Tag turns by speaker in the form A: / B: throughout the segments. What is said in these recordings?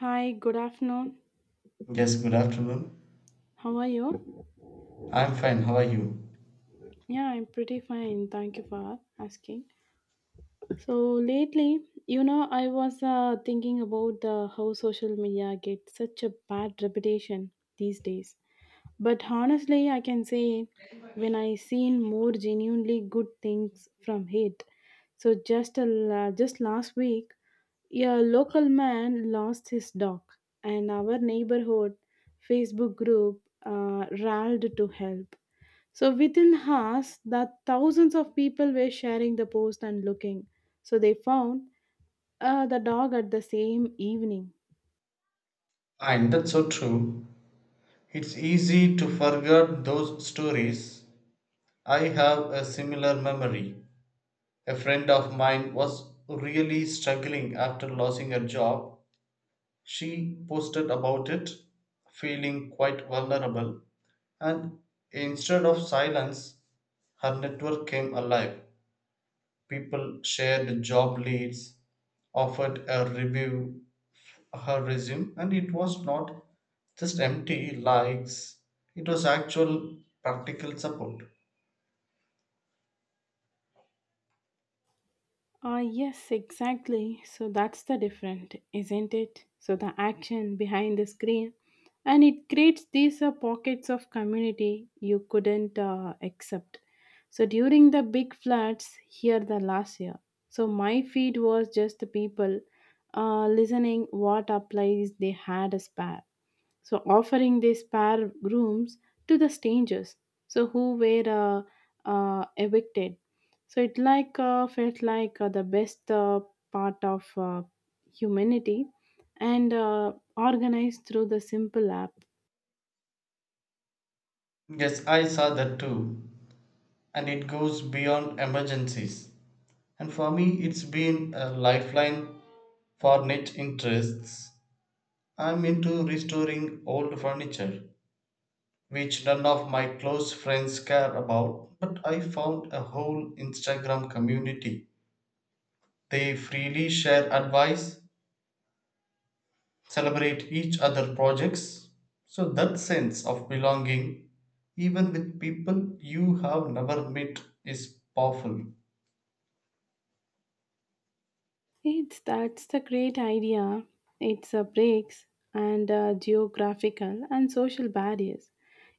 A: Hi, good afternoon.
B: Yes, good afternoon.
A: How are you?
B: I'm fine. How are you?
A: Yeah, I'm pretty fine. Thank you for asking. So, lately, you know, I was thinking about the how social media gets such a bad reputation these days. But honestly, I can say when I seen more genuinely good things from it. So just last week, a local man lost his dog, and our neighborhood Facebook group rallied to help. So within hours, that thousands of people were sharing the post and looking. So they found the dog at the same evening.
B: And that's so true. It's easy to forget those stories. I have a similar memory. A friend of mine was really struggling after losing her job. She posted about it, feeling quite vulnerable, and instead of silence, her network came alive. People shared job leads, offered a review, her resume, and it was not just empty likes, it was actual practical support.
A: Ah, yes, exactly. So that's the different, isn't it? So the action behind the screen, and it creates these pockets of community you couldn't accept. So during the big floods here the last year, so my feed was just the people listening what applies they had a spare. So offering their spare rooms to the strangers so who were evicted so it like felt like the best part of humanity and organized through the simple app.
B: Yes, I saw that too, and it goes beyond emergencies. And for me it's been a lifeline for niche interests. I'm into restoring old furniture, which none of my close friends care about, but I found a whole Instagram community. They freely share advice, celebrate each other projects. So that sense of belonging, even with people you have never met, is powerful.
A: It's that's the great idea. It's a breaks and geographical and social barriers.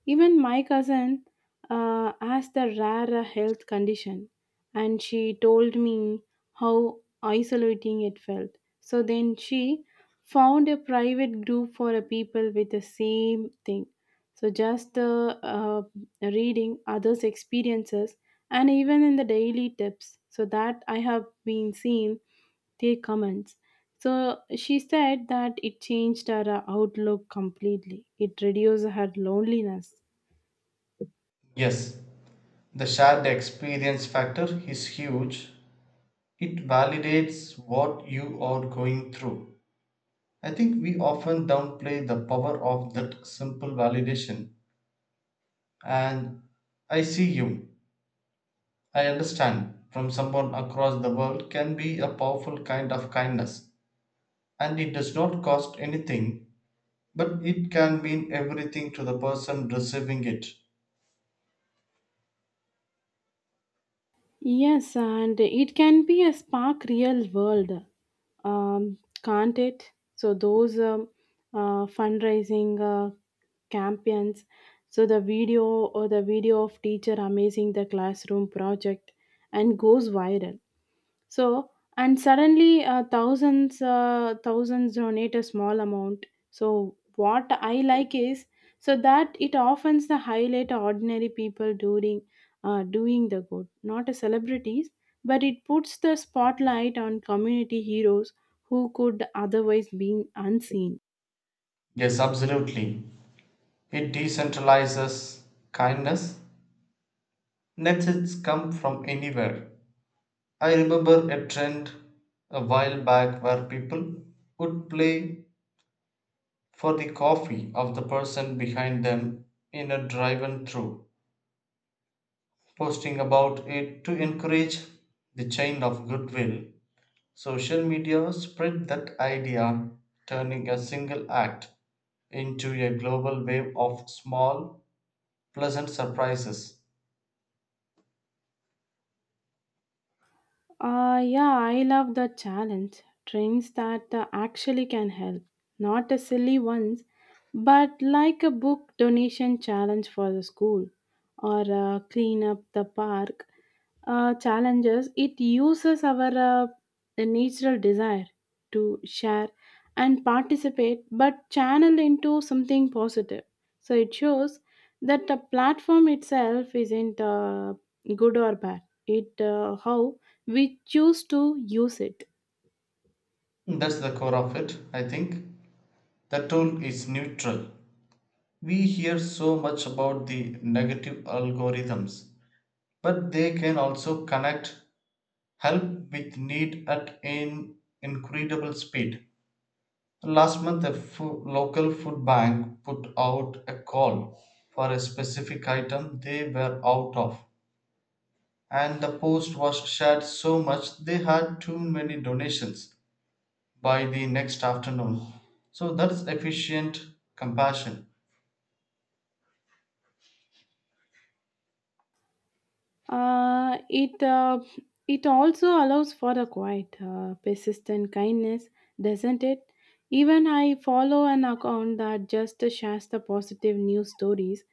A: Even my cousin has the rare health condition, and she told me how isolating it felt. So then she found a private group for people with the same thing. So just reading others' experiences and even in the daily tips, so that I have been seen their comments. So she said that it changed her outlook completely. It reduced her loneliness.
B: Yes, the shared experience factor is huge. It validates what you are going through. I think we often downplay the power of that simple validation. And I see you, I understand. From someone across the world can be a powerful kind of kindness, and it does not cost anything, but it can mean everything to the person receiving it.
A: Yes, and it can be a spark real world, um, can't it? So those fundraising campaigns, so the video or the video of teacher amazing the classroom project and goes viral. So and suddenly thousands donate a small amount so what I like is so that it often the highlight ordinary people doing the good not a celebrities, but it puts the spotlight on community heroes who could otherwise be unseen.
B: Yes, absolutely. It decentralizes kindness. Netflix come from anywhere. I remember a trend a while back where people would play for the coffee of the person behind them in a drive-through, posting about it to encourage the chain of goodwill. Social media spread that idea, turning a single act into a global wave of small, pleasant surprises.
A: Yeah, I love the challenge. Trains that actually can help. Not the silly ones, but like a book donation challenge for the school or clean up the park challenges. It uses our the natural desire to share and participate, but channel into something positive. So it shows that the platform itself isn't good or bad. It how we choose to use it.
B: That's the core of it, I think. The tool is neutral. We hear so much about the negative algorithms, but they can also connect, help with need at an incredible speed. Last month, a local food bank put out a call for a specific item they were out of, and the post was shared so much they had too many donations by the next afternoon. So that's efficient compassion.
A: Uh, it uh, it also allows for a quiet, persistent kindness, doesn't it? Even I follow an account that just shares the positive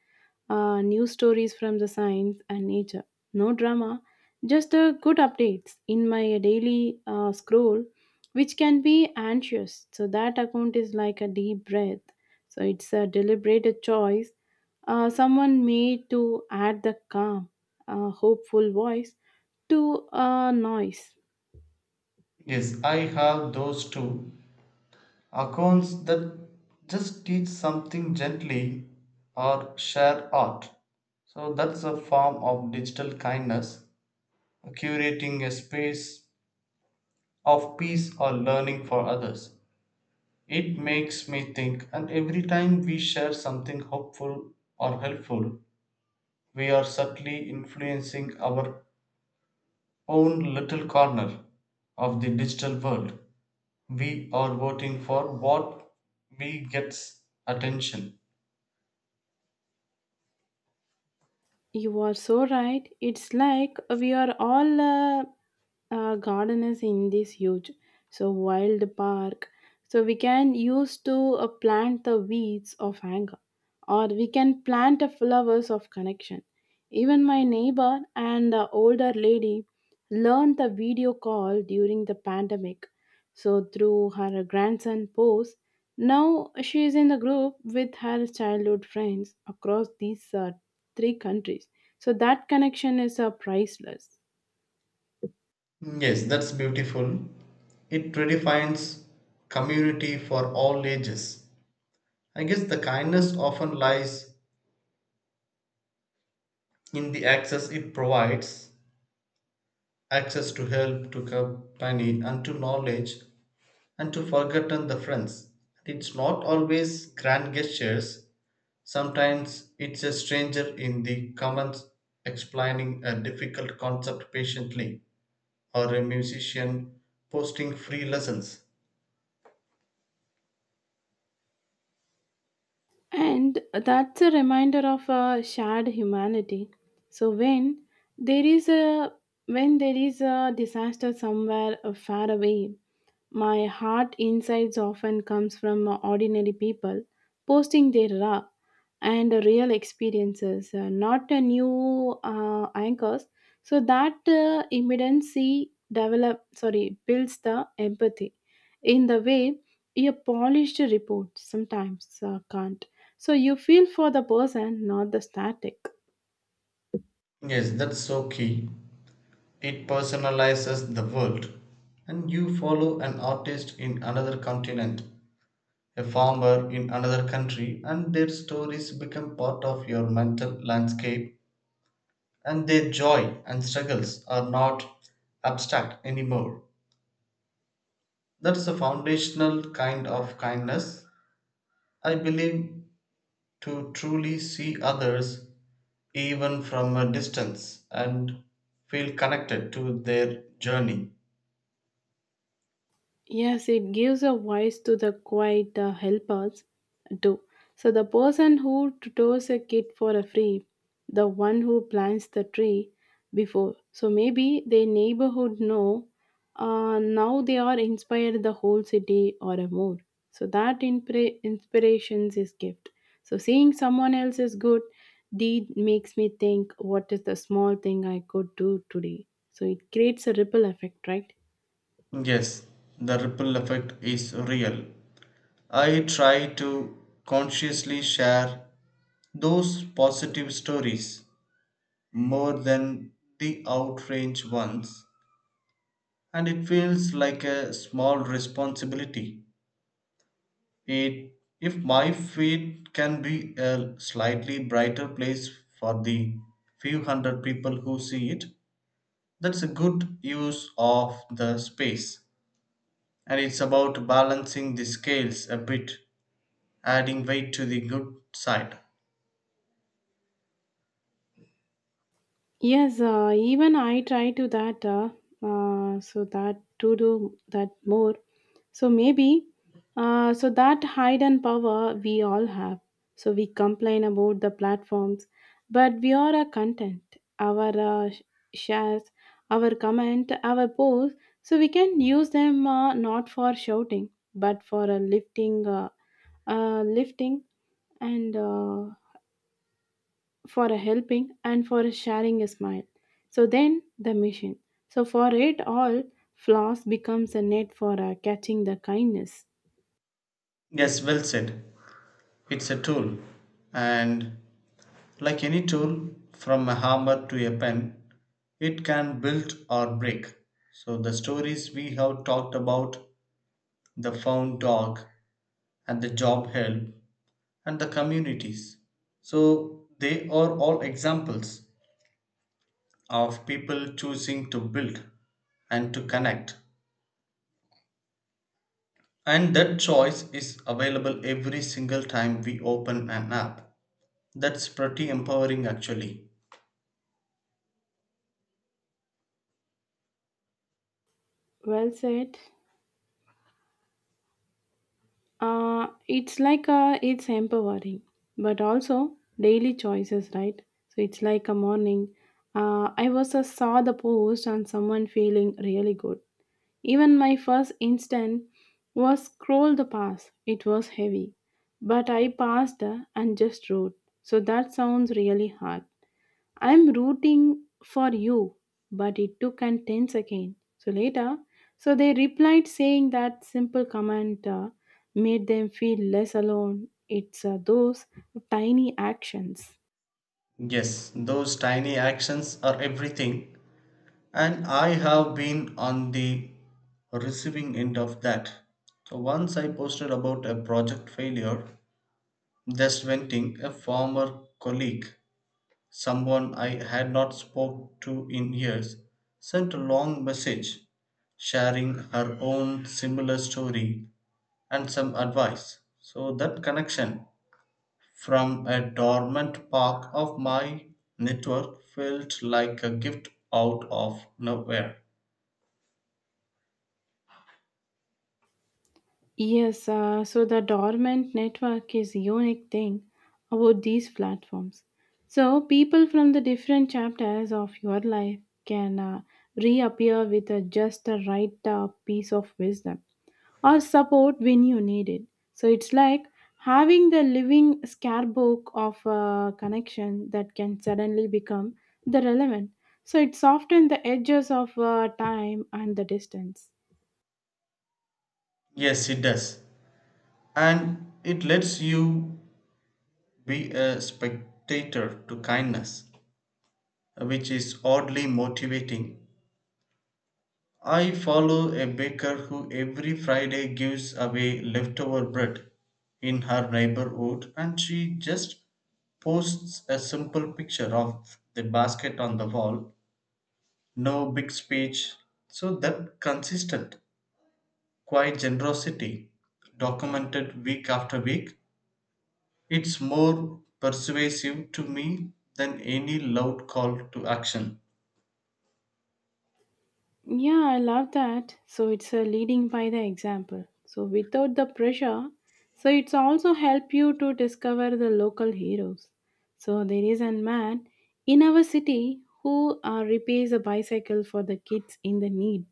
A: news stories from the science and nature. No drama, just good updates in my daily scroll, which can be anxious. So that account is like a deep breath. So it's a deliberate choice someone made to add the calm, hopeful voice to a noise.
B: Yes, I have those two accounts that just teach something gently or share art. So that's a form of digital kindness, curating a space of peace or learning for others. It makes me think, and every time we share something hopeful or helpful, we are subtly influencing our own little corner of the digital world. We are voting for what we gets attention.
A: You are so right. It's like we are all gardeners in this huge, so wild park. So we can use to plant the weeds of anger, or we can plant the flowers of connection. Even my neighbor and the older lady learned the video call during the pandemic. So through her grandson post, now she is in the group with her childhood friends across these three countries. So that connection is priceless.
B: Yes, that's beautiful. It redefines community for all ages. I guess the kindness often lies in the access it provides, access to help, to company, and to knowledge, and to forgotten the friends. It's not always grand gestures. Sometimes it's a stranger in the comments explaining a difficult concept patiently, or a musician posting free lessons.
A: And that's a reminder of a shared humanity. So there is a when there is a disaster somewhere far away, my heart insights often comes from ordinary people posting their raw and real experiences, not a new anchors. So that immediacy develop sorry builds the empathy in the way a polished report sometimes can't. So you feel for the person, not the static.
B: Yes, that's so key. It personalizes the world, and you follow an artist in another continent, a farmer in another country, and their stories become part of your mental landscape, and their joy and struggles are not abstract anymore. That's a foundational kind of kindness. I believe to truly see others, even from a distance, and feel connected to their journey.
A: Yes, it gives a voice to the quiet helpers too. So the person who tutors a kid for a free, the one who plants the tree before. So maybe their neighborhood know. Now they are inspired the whole city or a more. So that inspirations is gift. So seeing someone else's good deed makes me think what is the small thing I could do today. So it creates a ripple effect, right?
B: Yes, the ripple effect is real. I try to consciously share those positive stories more than the outrage ones, and it feels like a small responsibility. It, if my feed can be a slightly brighter place for the few hundred people who see it, that's a good use of the space. And it's about balancing the scales a bit, adding weight to the good side.
A: Yes, even I try to that, so that to do that more. So maybe, so that hidden power we all have. So we complain about the platforms, but we are a content, our shares, our comment, our posts. So we can use them not for shouting, but for lifting, and. For a helping and for a sharing a smile. So then the mission. So for it all, floss becomes a net for catching the kindness.
B: Yes, well said. It's a tool, and like any tool, from a hammer to a pen, it can build or break. So, the stories we have talked about, the found dog and the job help and the communities. So, they are all examples of people choosing to build and to connect. And that choice is available every single time we open an app. That's pretty empowering, actually.
A: Well said. It's empowering, but also daily choices, right? So it's like a morning. I was saw the post on someone feeling really good. Even my first instinct was scroll the pass. It was heavy, but I passed and just wrote. So that sounds really hard. I'm rooting for you, but it took and 10 seconds. So later, so they replied saying that simple comment made them feel less alone. It's those tiny actions.
B: Yes, those tiny actions are everything. And I have been on the receiving end of that. So once I posted about a project failure, just venting a former colleague, someone I had not spoke to in years, sent a long message sharing her own similar story and some advice. So that connection from a dormant part of my network felt like a gift out of nowhere.
A: Yes, so the dormant network is unique thing about these platforms. So people from the different chapters of your life can reappear with just the right piece of wisdom or support when you need it. So it's like having the living scarebook of a connection that can suddenly become the relevant. So it softens the edges of time and the distance.
B: Yes, it does. And it lets you be a spectator to kindness, which is oddly motivating. I follow a baker who every Friday gives away leftover bread in her neighborhood, and she just posts a simple picture of the basket on the wall. No big speech. So that consistent, quiet generosity, documented week after week, It's more persuasive to me than any loud call to action.
A: Yeah, I love that. So it's a leading by the example. So without the pressure, so it's also help you to discover the local heroes. So there is a man in our city who repairs a bicycle for the kids in the need.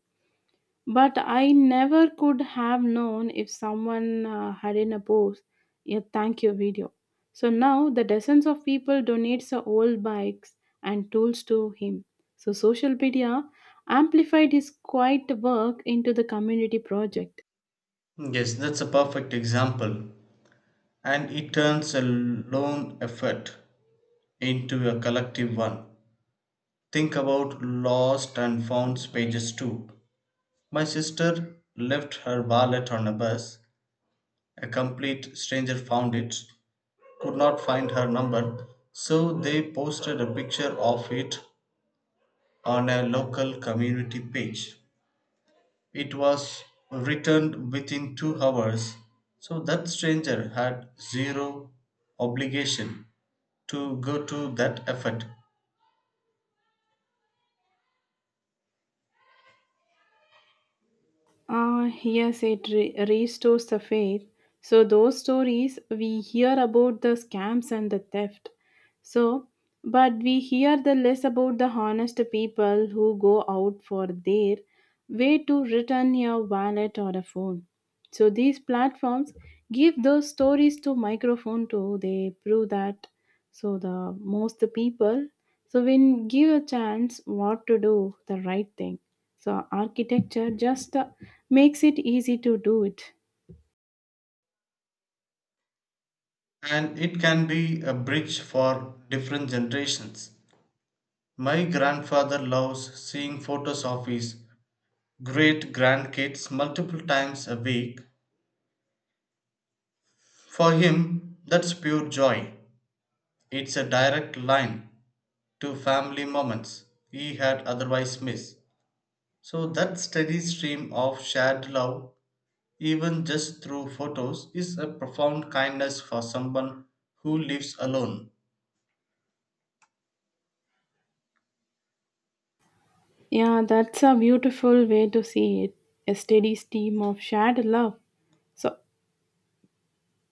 A: But I never could have known if someone hadn't a post a thank you video. So now the dozens of people donates their old bikes and tools to him. So social media amplified his quiet work into the community project.
B: Yes, that's a perfect example. And it turns a lone effort into a collective one. Think about lost and found pages too. My sister left her wallet on a bus. A complete stranger found it, could not find her number, so they posted a picture of it on a local community page. It was returned within 2 hours, so that stranger had zero obligation to go to that effort,
A: Yes, it restores the faith. So, those stories we hear about the scams and the theft. So, but we hear the less about the honest people who go out for their way to return your wallet or a phone. So these platforms give those stories to microphone to they prove that so the most people so when give a chance what to do the right thing. So architecture just makes it easy to do it.
B: and it can be a bridge for different generations. My grandfather loves seeing photos of his great grandkids multiple times a week. For him, that's pure joy. It's a direct line to family moments he had otherwise missed. So that steady stream of shared love, even just through photos, is a profound kindness for someone who lives alone.
A: Yeah, that's a beautiful way to see it. A steady stream of shared love. So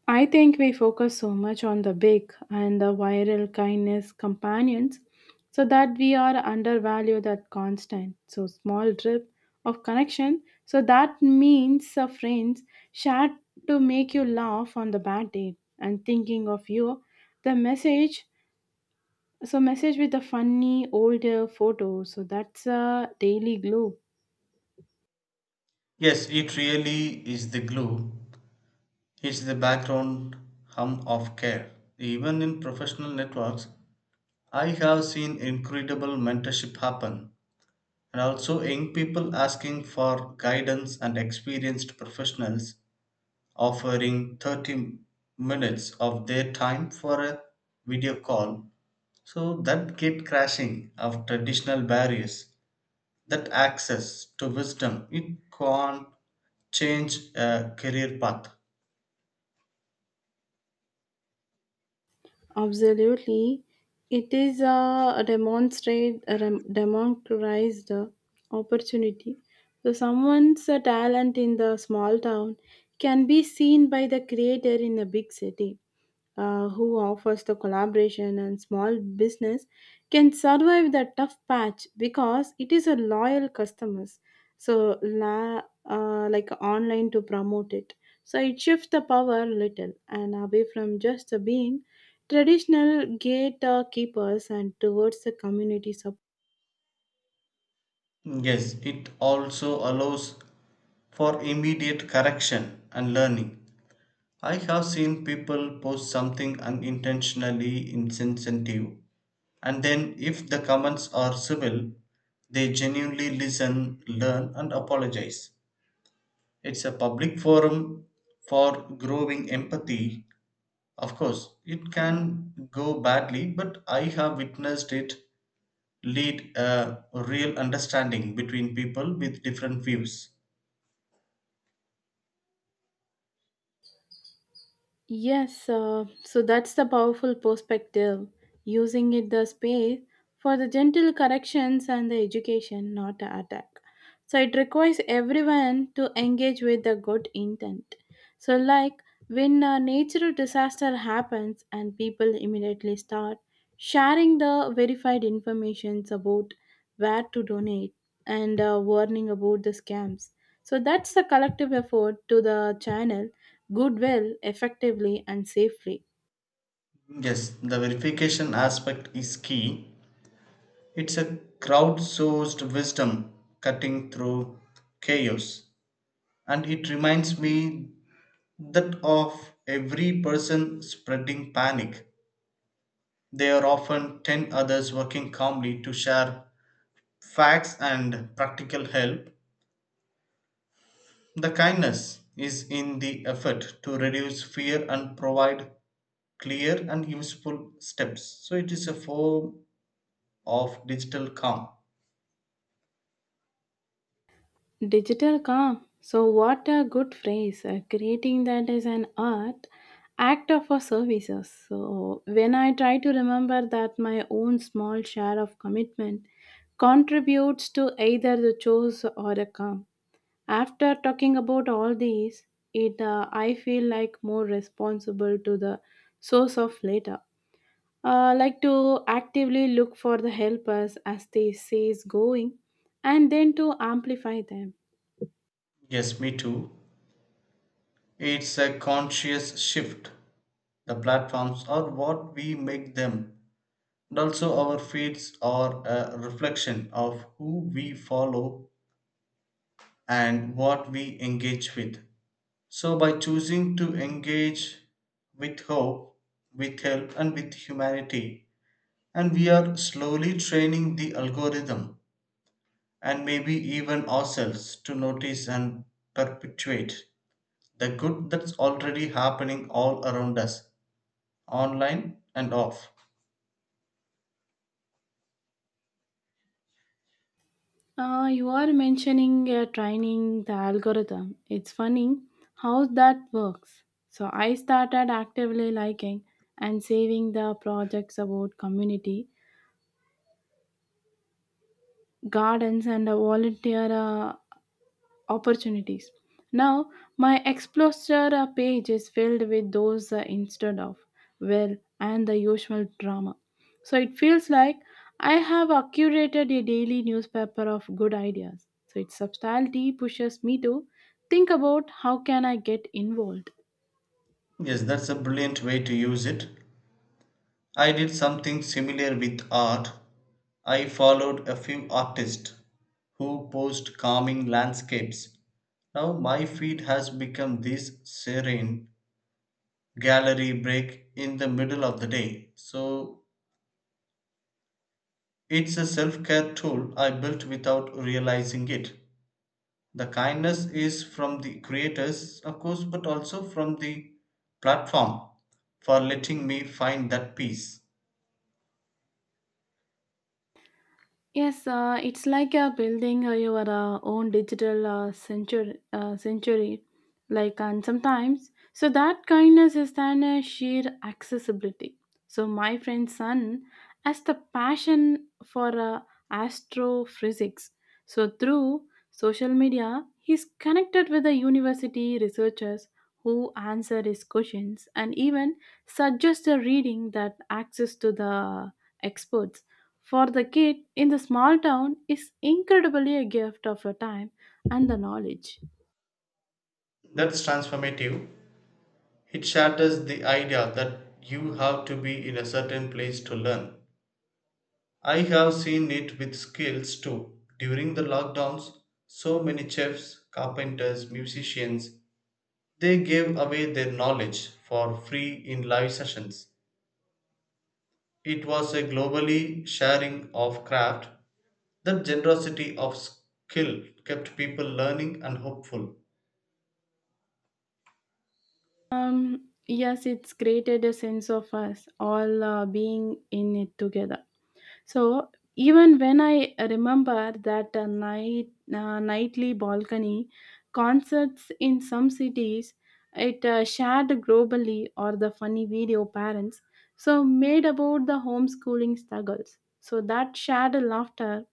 A: I think we focus so much on the big and the viral kindness companions so that we are undervalue that constant, so small drip of connection. So that means a friends shared to make you laugh on the bad day and thinking of you. The message, so message with a funny older photo, so that's a daily glue.
B: Yes, it really is the glue. It's the background hum of care. Even in professional networks, I have seen incredible mentorship happen, and also young people asking for guidance and experienced professionals offering 30 minutes of their time for a video call. So that gate crashing of traditional barriers, that access to wisdom, it can't change a career path.
A: Absolutely. It is a democratized opportunity. So someone's talent in the small town can be seen by the creator in a big city who offers the collaboration and small business can survive the tough patch because it is a loyal customers so like online to promote it, so it shifts the power little and away from just the being traditional gatekeepers and towards the community support.
B: Yes, it also allows for immediate correction and learning. I have seen people post something unintentionally insensitive, and then, if the comments are civil, they genuinely listen, learn, and apologize. It's a public forum for growing empathy. Of course, it can go badly, but I have witnessed it lead a real understanding between people with different views.
A: Yes, so that's the powerful perspective, using it the space for the gentle corrections and the education, not the attack. So it requires everyone to engage with the good intent. So, like when a natural disaster happens and people immediately start sharing the verified informations about where to donate and warning about the scams. So that's the collective effort to the channel Goodwill, effectively, and safely.
B: Yes, the verification aspect is key. It's a crowdsourced wisdom cutting through chaos. And it reminds me that of every person spreading panic, there are often 10 others working calmly to share facts and practical help. The kindness is in the effort to reduce fear and provide clear and useful steps. So it is a form of digital calm.
A: Digital calm. So, what a good phrase. Creating that is an art, act of our services. So, when I try to remember that my own small share of commitment contributes to either the chores or the calm. After talking about all these, it I feel like more responsible to the source of later. Like to actively look for the helpers as they says going and then to amplify them.
B: Yes, me too. It's a conscious shift. The platforms are what we make them. And also, our feeds are a reflection of who we follow and what we engage with. So, by choosing to engage with hope, with help, and with humanity, and we are slowly training the algorithm, and maybe even ourselves, to notice and perpetuate the good that's already happening all around us, online and off.
A: You are mentioning training the algorithm. It's funny how that works, so I started actively liking and saving the projects about community gardens and volunteer opportunities. Now, my Explorer page is filled with those instead of well and the usual drama. So it feels like I have curated a daily newspaper of good ideas. So its subtlety pushes me to think about how can I get involved.
B: Yes, that's a brilliant way to use it. I did something similar with art. I followed a few artists who posed calming landscapes. Now my feed has become this serene gallery break in the middle of the day. So it's a self care tool I built without realizing it. The kindness is from the creators, of course, but also from the platform for letting me find that peace.
A: Yes, it's like building your own digital century, like and sometimes. So that kindness is then a sheer accessibility. So my friend's son has the passion for astrophysics. So through social media, he's connected with the university researchers who answer his questions and even suggest a reading that access to the experts for the kid in the small town is incredibly a gift of your time and the knowledge.
B: That's transformative. It shatters the idea that you have to be in a certain place to learn. I have seen it with skills too. During the lockdowns, so many chefs, carpenters, musicians, they gave away their knowledge for free in live sessions. It was a globally sharing of craft. That generosity of skill kept people learning and hopeful.
A: Yes, it's created a sense of us all being in it together. So even when I remember that nightly balcony concerts in some cities, it shared globally or the funny video parents so made about the homeschooling struggles. So that shared laughter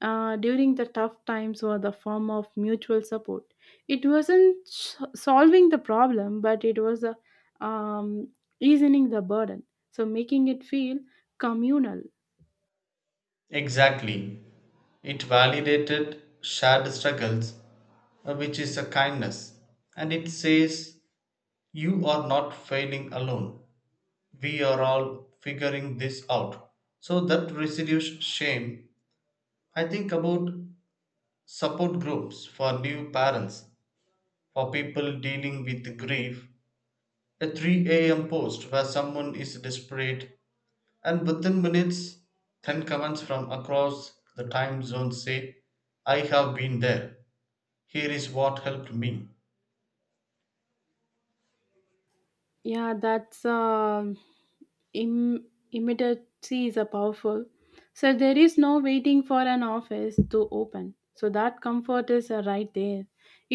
A: during the tough times were the form of mutual support. It wasn't solving the problem, but it was a, um, easing the burden. So making it feel communal.
B: Exactly. It validated shared struggles, which is a kindness. And it says, you are not failing alone. We are all figuring this out. So that reduces shame. I think about support groups for new parents, for people dealing with grief. A 3 a.m. post where someone is desperate, and within minutes, 10 comments from across the time zone say, I have been there. Here is what helped me.
A: Yeah, that's. um Im- Immediacy is a powerful. So there is no waiting for an office to open. So that comfort is right there.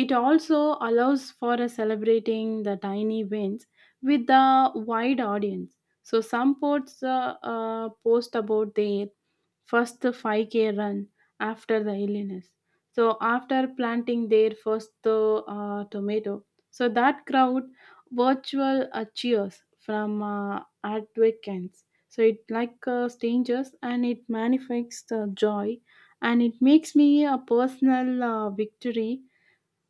A: It also allows for a celebrating the tiny wins with the wide audience. So some post about their first 5K run after the illness so after planting their first tomato so that crowd virtual cheers from advocates so it like strangers and it manifests the joy and it makes me a personal victory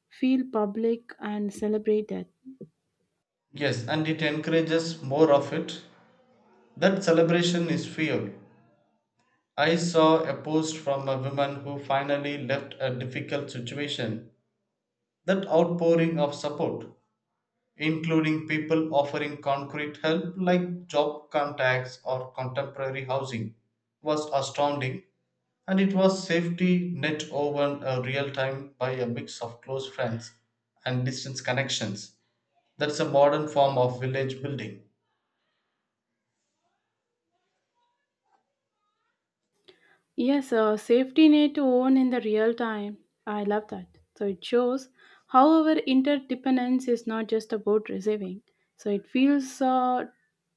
A: feel public and celebrated.
B: Yes, and it encourages more of it. That celebration is fuel. I saw a post from a woman who finally left a difficult situation. That outpouring of support, including people offering concrete help like job contacts or contemporary housing, was astounding. And it was safety net woven a real time by a mix of close friends and distance connections. That's a modern form of village building.
A: Yes, a safety net to own in the real time. I love that. So it shows, however, interdependence is not just about receiving. So it feels uh,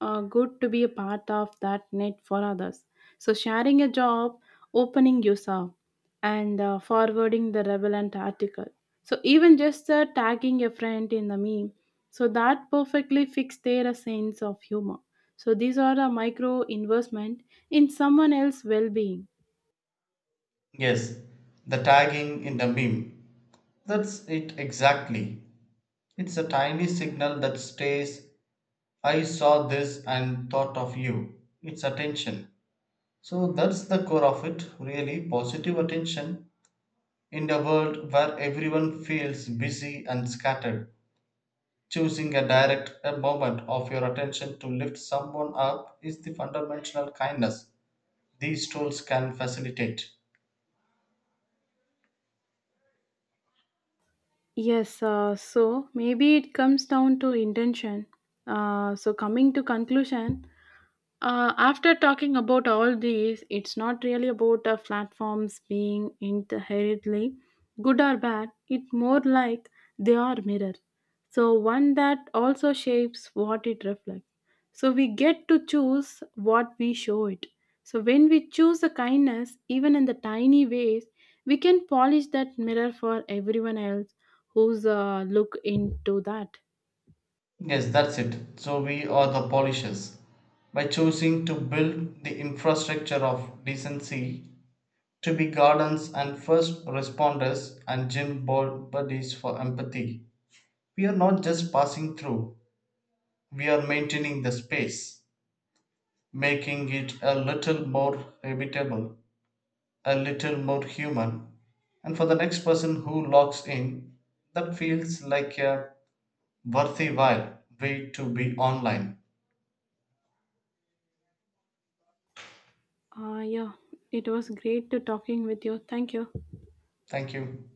A: uh, good to be a part of that net for others. So sharing a job, opening yourself, and forwarding the relevant article. So even just tagging a friend in the meme. So that perfectly fits their sense of humor. So these are a micro investment in someone else's well-being.
B: Yes, the tagging in the meme. That's it exactly. It's a tiny signal that stays, I saw this and thought of you. It's attention. So that's the core of it, really positive attention in a world where everyone feels busy and scattered. Choosing a direct a moment of your attention to lift someone up is the fundamental kindness these tools can facilitate.
A: Yes, so maybe it comes down to intention. So, coming to conclusion, after talking about all these, it's not really about the platforms being inherently good or bad. It's more like they are mirror. So, one that also shapes what it reflects. So, we get to choose what we show it. So, when we choose the kindness, even in the tiny ways, we can polish that mirror for everyone else who's look into that.
B: Yes, that's it. So we are the polishers. By choosing to build the infrastructure of decency, to be gardens and first responders and gym ball buddies for empathy, we are not just passing through, we are maintaining the space, making it a little more habitable, a little more human. And for the next person who logs in, that feels like a worthwhile way to be online.
A: Yeah, it was great to talking with you. Thank you.
B: Thank you.